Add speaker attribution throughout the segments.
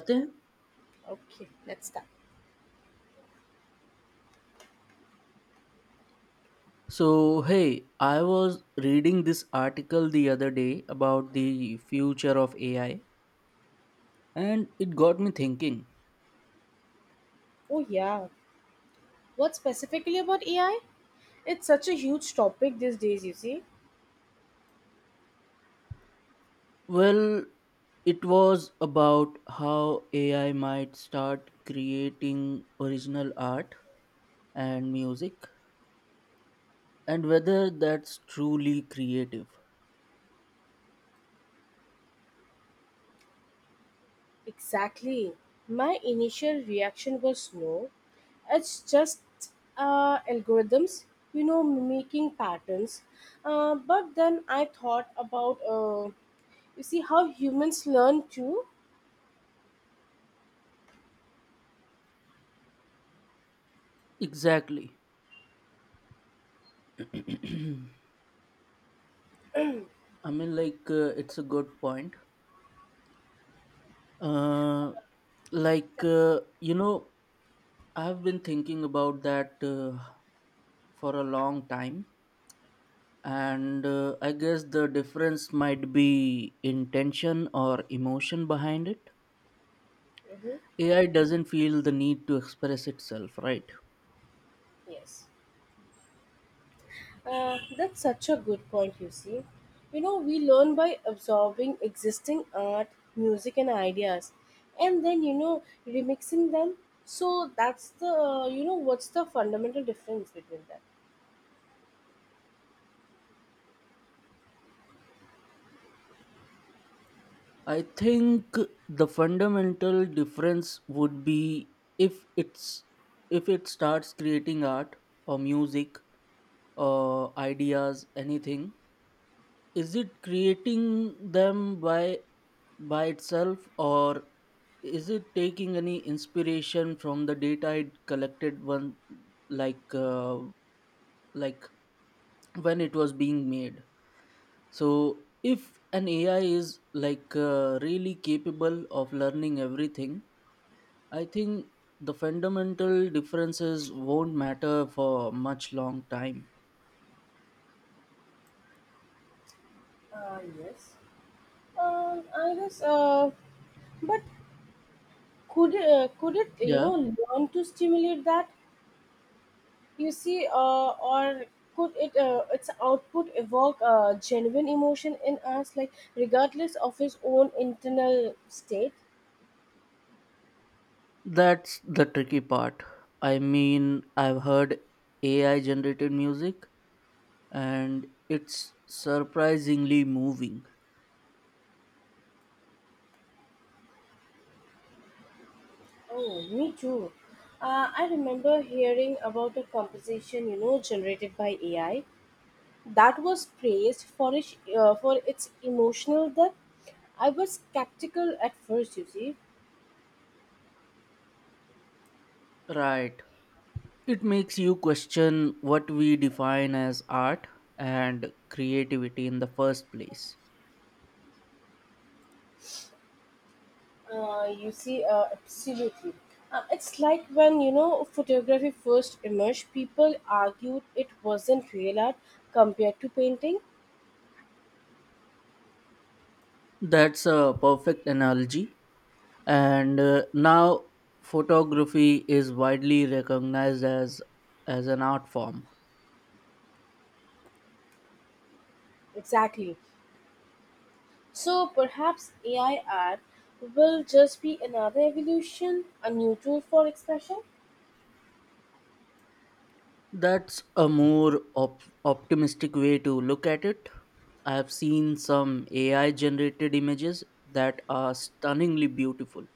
Speaker 1: Okay.
Speaker 2: Okay, let's start.
Speaker 1: So, hey, I was reading this article the other day about the future of AI, and it got me thinking.
Speaker 2: Oh, yeah. What specifically about AI? It's such a huge topic these days, you see.
Speaker 1: Well, it was about how AI might start creating original art and music, and whether that's truly creative.
Speaker 2: Exactly. My initial reaction was no. It's just algorithms, mimicking patterns. But then I thought about, how humans learn too.
Speaker 1: Exactly. It's a good point. Uh, like, uh, you know, I've been thinking about that for a long time, and I guess the difference might be intention or emotion behind it.
Speaker 2: Hmm.
Speaker 1: AI doesn't feel the need to express itself, right?
Speaker 2: Yes. That's such a good point, you see. You know, we learn by absorbing existing art, music, and ideas, and then, remixing them. So that's what's the fundamental difference between them?
Speaker 1: I think the fundamental difference would be if it's if it starts creating art or music or ideas, anything. Is it creating them by itself, or is it taking any inspiration from the data it collected one, like uh, like when it was being made. So if an AI is really capable of learning everything, I think the fundamental differences won't matter for much long time.
Speaker 2: Yes. I guess, but could uh, could it, you
Speaker 1: Yeah,
Speaker 2: know, learn to stimulate that? You see, or could it its output evoke a genuine emotion in us, like regardless of his own internal state?
Speaker 1: that's the tricky part. I mean, I've heard AI generated music and it's surprisingly moving.
Speaker 2: Oh, me too. I remember hearing about a composition, generated by AI that was praised for its emotional depth. I was skeptical at first, you see.
Speaker 1: Right. It makes you question what we define as art and creativity in the first place.
Speaker 2: Absolutely. It's like when, photography first emerged, people argued it wasn't real art compared to painting.
Speaker 1: That's a perfect analogy. And now photography is widely recognized as an art form.
Speaker 2: Exactly. So perhaps AI art will just be another evolution, a new tool for expression.
Speaker 1: That's a more optimistic way to look at it. I have seen some AI generated images that are stunningly beautiful.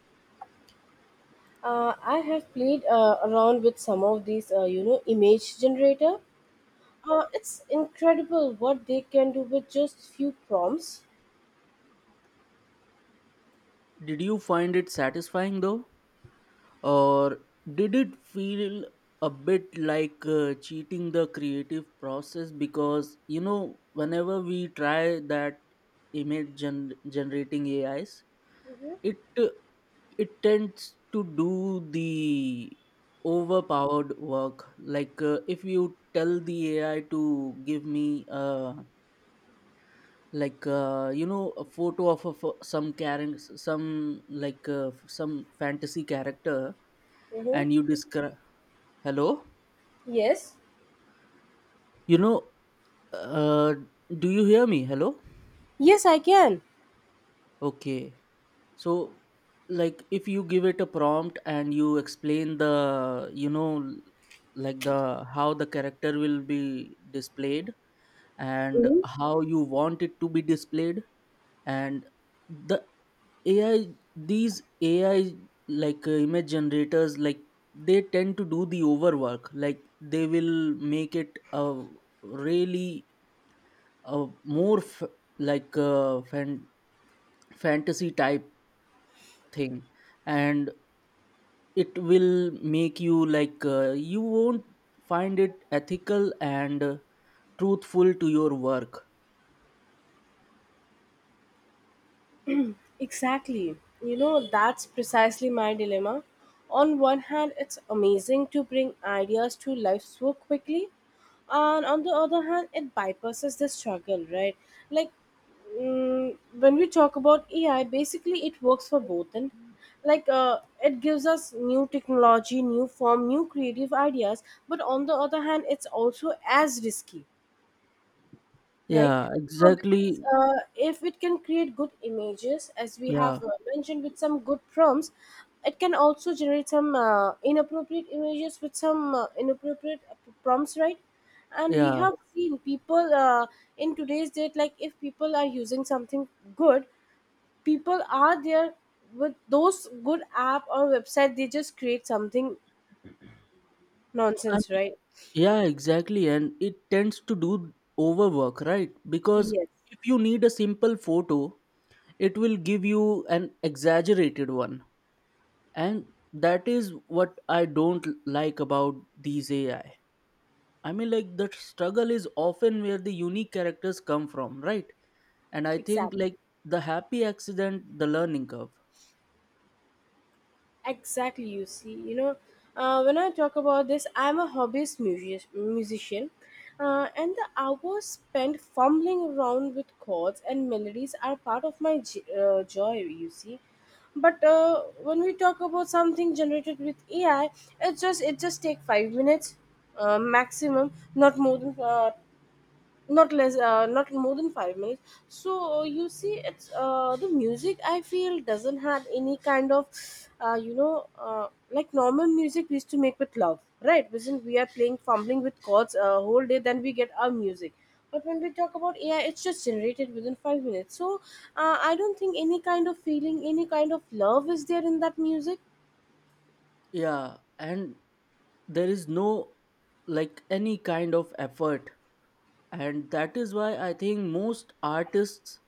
Speaker 2: I have played around with some of these, image generator. It's incredible what they can do with just few prompts.
Speaker 1: Did you find it satisfying though? Or did it feel a bit like cheating the creative process? Because you know, whenever we try that, image generating AIs,
Speaker 2: Mm-hmm.
Speaker 1: it uh, it tends to do the overpowered work. Like if you tell the AI to give me you know, a photo of a, some character, some some fantasy character,
Speaker 2: Mm-hmm.
Speaker 1: and you describe. Hello.
Speaker 2: Yes.
Speaker 1: You know, uh, do you hear me? Hello?
Speaker 2: Yes, I can.
Speaker 1: Okay. So, like, if you give it a prompt and you explain the, you know, like the how the character will be displayed and how you want it to be displayed, and the AI, these AI, image generators, like, they tend to do the overwork. Like they will make it a really more like uh, fan- fantasy type thing, and it will make you you won't find it ethical and truthful to your work.
Speaker 2: Exactly. You know, that's precisely my dilemma. On one hand, it's amazing to bring ideas to life so quickly, and on the other hand, it bypasses the struggle, right? Like, when we talk about AI, basically it works for both, and it gives us new technology, new form, new creative ideas, but on the other hand, it's also as risky, right?
Speaker 1: Yeah,
Speaker 2: Because
Speaker 1: exactly.
Speaker 2: if it can create good images, as we
Speaker 1: Yeah.
Speaker 2: have mentioned with some good prompts, it can also generate some inappropriate images with some inappropriate prompts, right? And we
Speaker 1: Yeah.
Speaker 2: have seen people in today's date, like if people are using something good, people are there with those good app or website, they just create something
Speaker 1: I
Speaker 2: nonsense,
Speaker 1: mean,
Speaker 2: right?
Speaker 1: yeah, exactly, and it tends to do overwork, right? Because
Speaker 2: Yes,
Speaker 1: if you need a simple photo, it will give you an exaggerated one, and that is what I don't like about these AI. I mean, like, the struggle is often where the unique characters come from, right? And I think
Speaker 2: exactly.
Speaker 1: like the happy accident, the learning curve.
Speaker 2: Exactly, you see, when I talk about this, I'm a musician, and the hours spent fumbling around with chords and melodies are part of my joy, you see. But when we talk about something generated with AI, it just take 5 minutes maximum, not more than not more than 5 minutes. So you see, it's the music I feel doesn't have any kind of, like normal music we used to make with love, right? Wasn't we are playing fumbling with chords a whole day, then we get our music. But when we talk about AI, it's just generated within 5 minutes. So I don't think any kind of feeling, any kind of love is there in that music.
Speaker 1: Yeah, and there is no like any kind of effort, and that is why I think most artists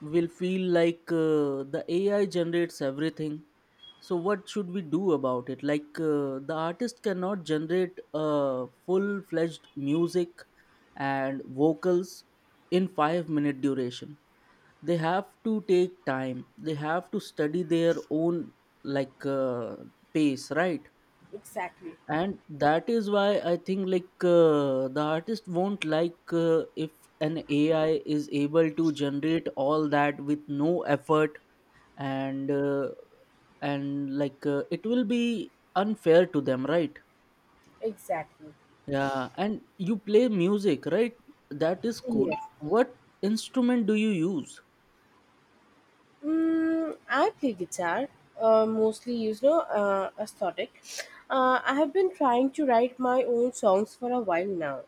Speaker 1: will feel like the AI generates everything. So what should we do about it? Like the artist cannot generate full-fledged music and vocals in five-minute duration. They have to take time. They have to study their own like uh, pace, right?
Speaker 2: Exactly,
Speaker 1: And that is why I think like the artist won't like if an AI is able to generate all that with no effort and it will be unfair to them, right?
Speaker 2: exactly.
Speaker 1: Yeah, and you play music, right? That is cool.
Speaker 2: Yes.
Speaker 1: What instrument do you use?
Speaker 2: Mm, I play guitar, mostly, aesthetic. I have been trying to write my own songs for a while now.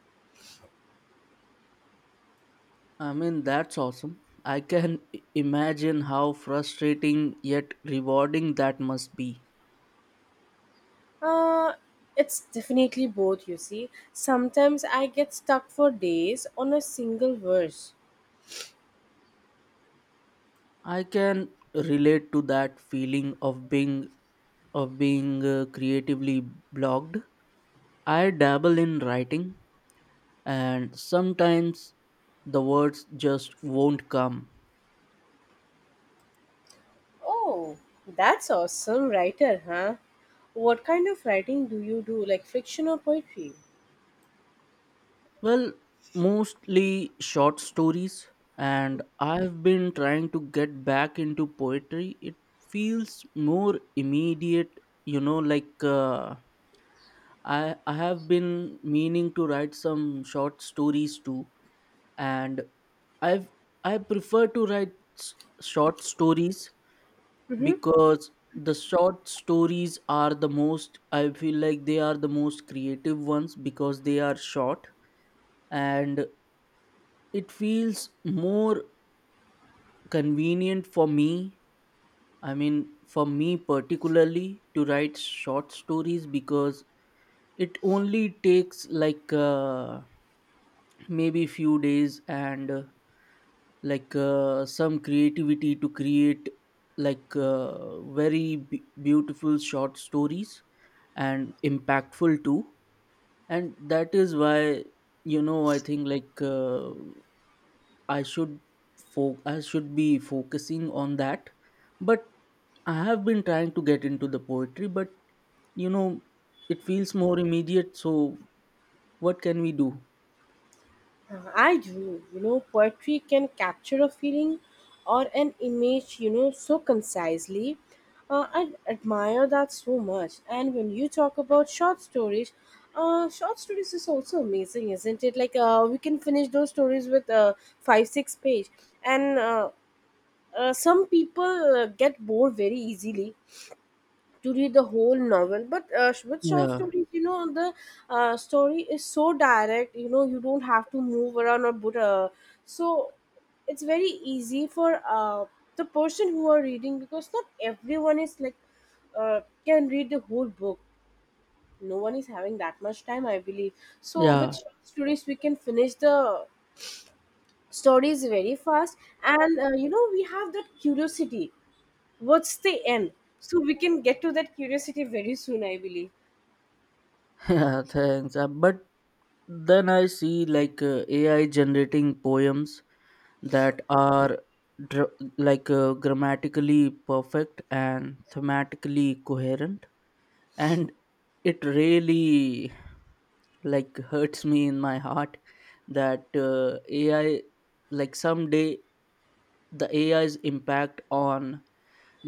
Speaker 1: I mean, that's awesome. I can imagine how frustrating yet rewarding that must be.
Speaker 2: Uh, it's definitely both, you see. Sometimes I get stuck for days on a single verse.
Speaker 1: I can relate to that feeling of being, creatively blocked. I dabble in writing, and sometimes the words just won't come.
Speaker 2: Oh, that's awesome, writer, huh? What kind of writing do you do, like fiction or poetry?
Speaker 1: Well, mostly short stories, and I've been trying to get back into poetry. It feels more immediate, you know, like I have been meaning to write some short stories too, and I've I prefer to write s- short stories because the short stories are the most, I feel like they are the most creative ones because they are short, and it feels more convenient for me. I mean, for me particularly, to write short stories because it only takes maybe few days and some creativity to create very beautiful short stories, and impactful too. And that is why, you know, I think like i should I should be focusing on that. But I have been trying to get into the poetry, but you know, it feels more immediate, so what can we do?
Speaker 2: I do. You know, poetry can capture a feeling or an image, so concisely. I admire that so much. And when you talk about short stories is also amazing, isn't it? We can finish those stories with five, six page. And Some people get bored very easily to read the whole novel, but with short
Speaker 1: Yeah.
Speaker 2: stories, you know, the story is so direct. You know, you don't have to move around or put, so it's very easy for the person who are reading, because not everyone is like can read the whole book. No one is having that much time, I believe. So
Speaker 1: Yeah.
Speaker 2: with short stories we can finish the stories very fast, and you know, we have that curiosity, what's the end. So we can get to that curiosity very soon, I believe.
Speaker 1: Yeah, thanks. But then I see like AI generating poems that are dr- grammatically perfect and thematically coherent, and it really like hurts me in my heart that AI, like someday the AI's impact on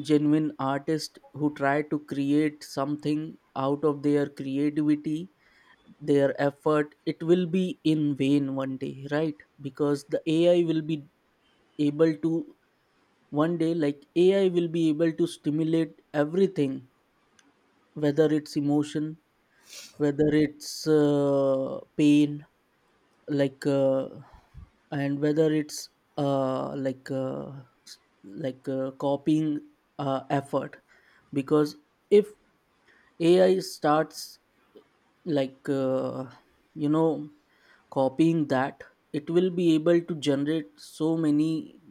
Speaker 1: genuine artists who try to create something out of their creativity, their effort, it will be in vain one day, right? Because the AI will be able to, one day, like AI will be able to stimulate everything, whether it's emotion, whether it's pain, like uh, and whether it's uh, like uh, copying effort. Because if AI starts like uh, you know copying that, it will be able to generate so many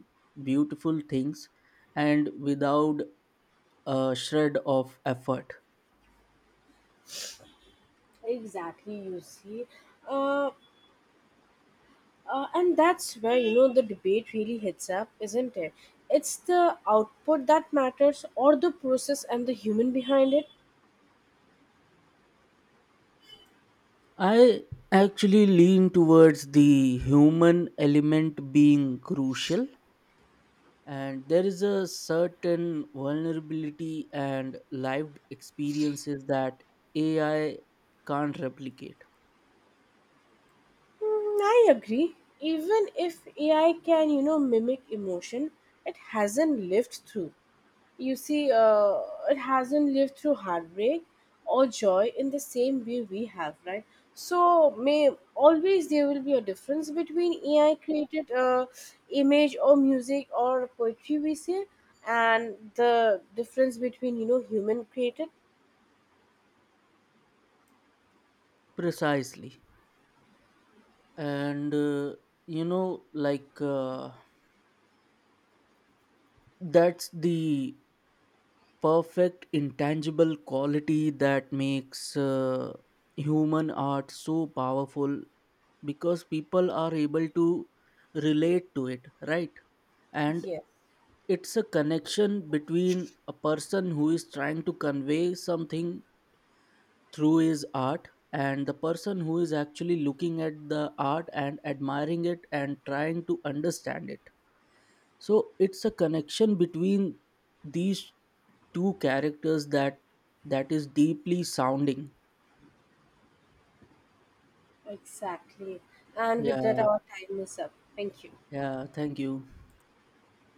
Speaker 1: beautiful things, and without a shred of effort.
Speaker 2: Exactly, you see. Uh, and that's where, the debate really hits up, isn't it? It's the output that matters, or the process and the human behind it.
Speaker 1: I actually lean towards the human element being crucial, and there is a certain vulnerability and lived experiences that AI can't replicate.
Speaker 2: Mm, I agree. Even if AI can, mimic emotion, it hasn't lived through. You see, it hasn't lived through heartbreak or joy in the same way we have, right? So, may always there will be a difference between AI created image or music or poetry, we say, and the difference between, you know, human created.
Speaker 1: Precisely. And you know like uh, that's the perfect intangible quality that makes human art so powerful, because people are able to relate to it, right? And
Speaker 2: Yes,
Speaker 1: it's a connection between a person who is trying to convey something through his art and the person who is actually looking at the art and admiring it and trying to understand it. So it's a connection between these two characters that is deeply sounding.
Speaker 2: exactly. And with that,
Speaker 1: Yeah.
Speaker 2: our time is up. Thank you.
Speaker 1: Yeah, thank you.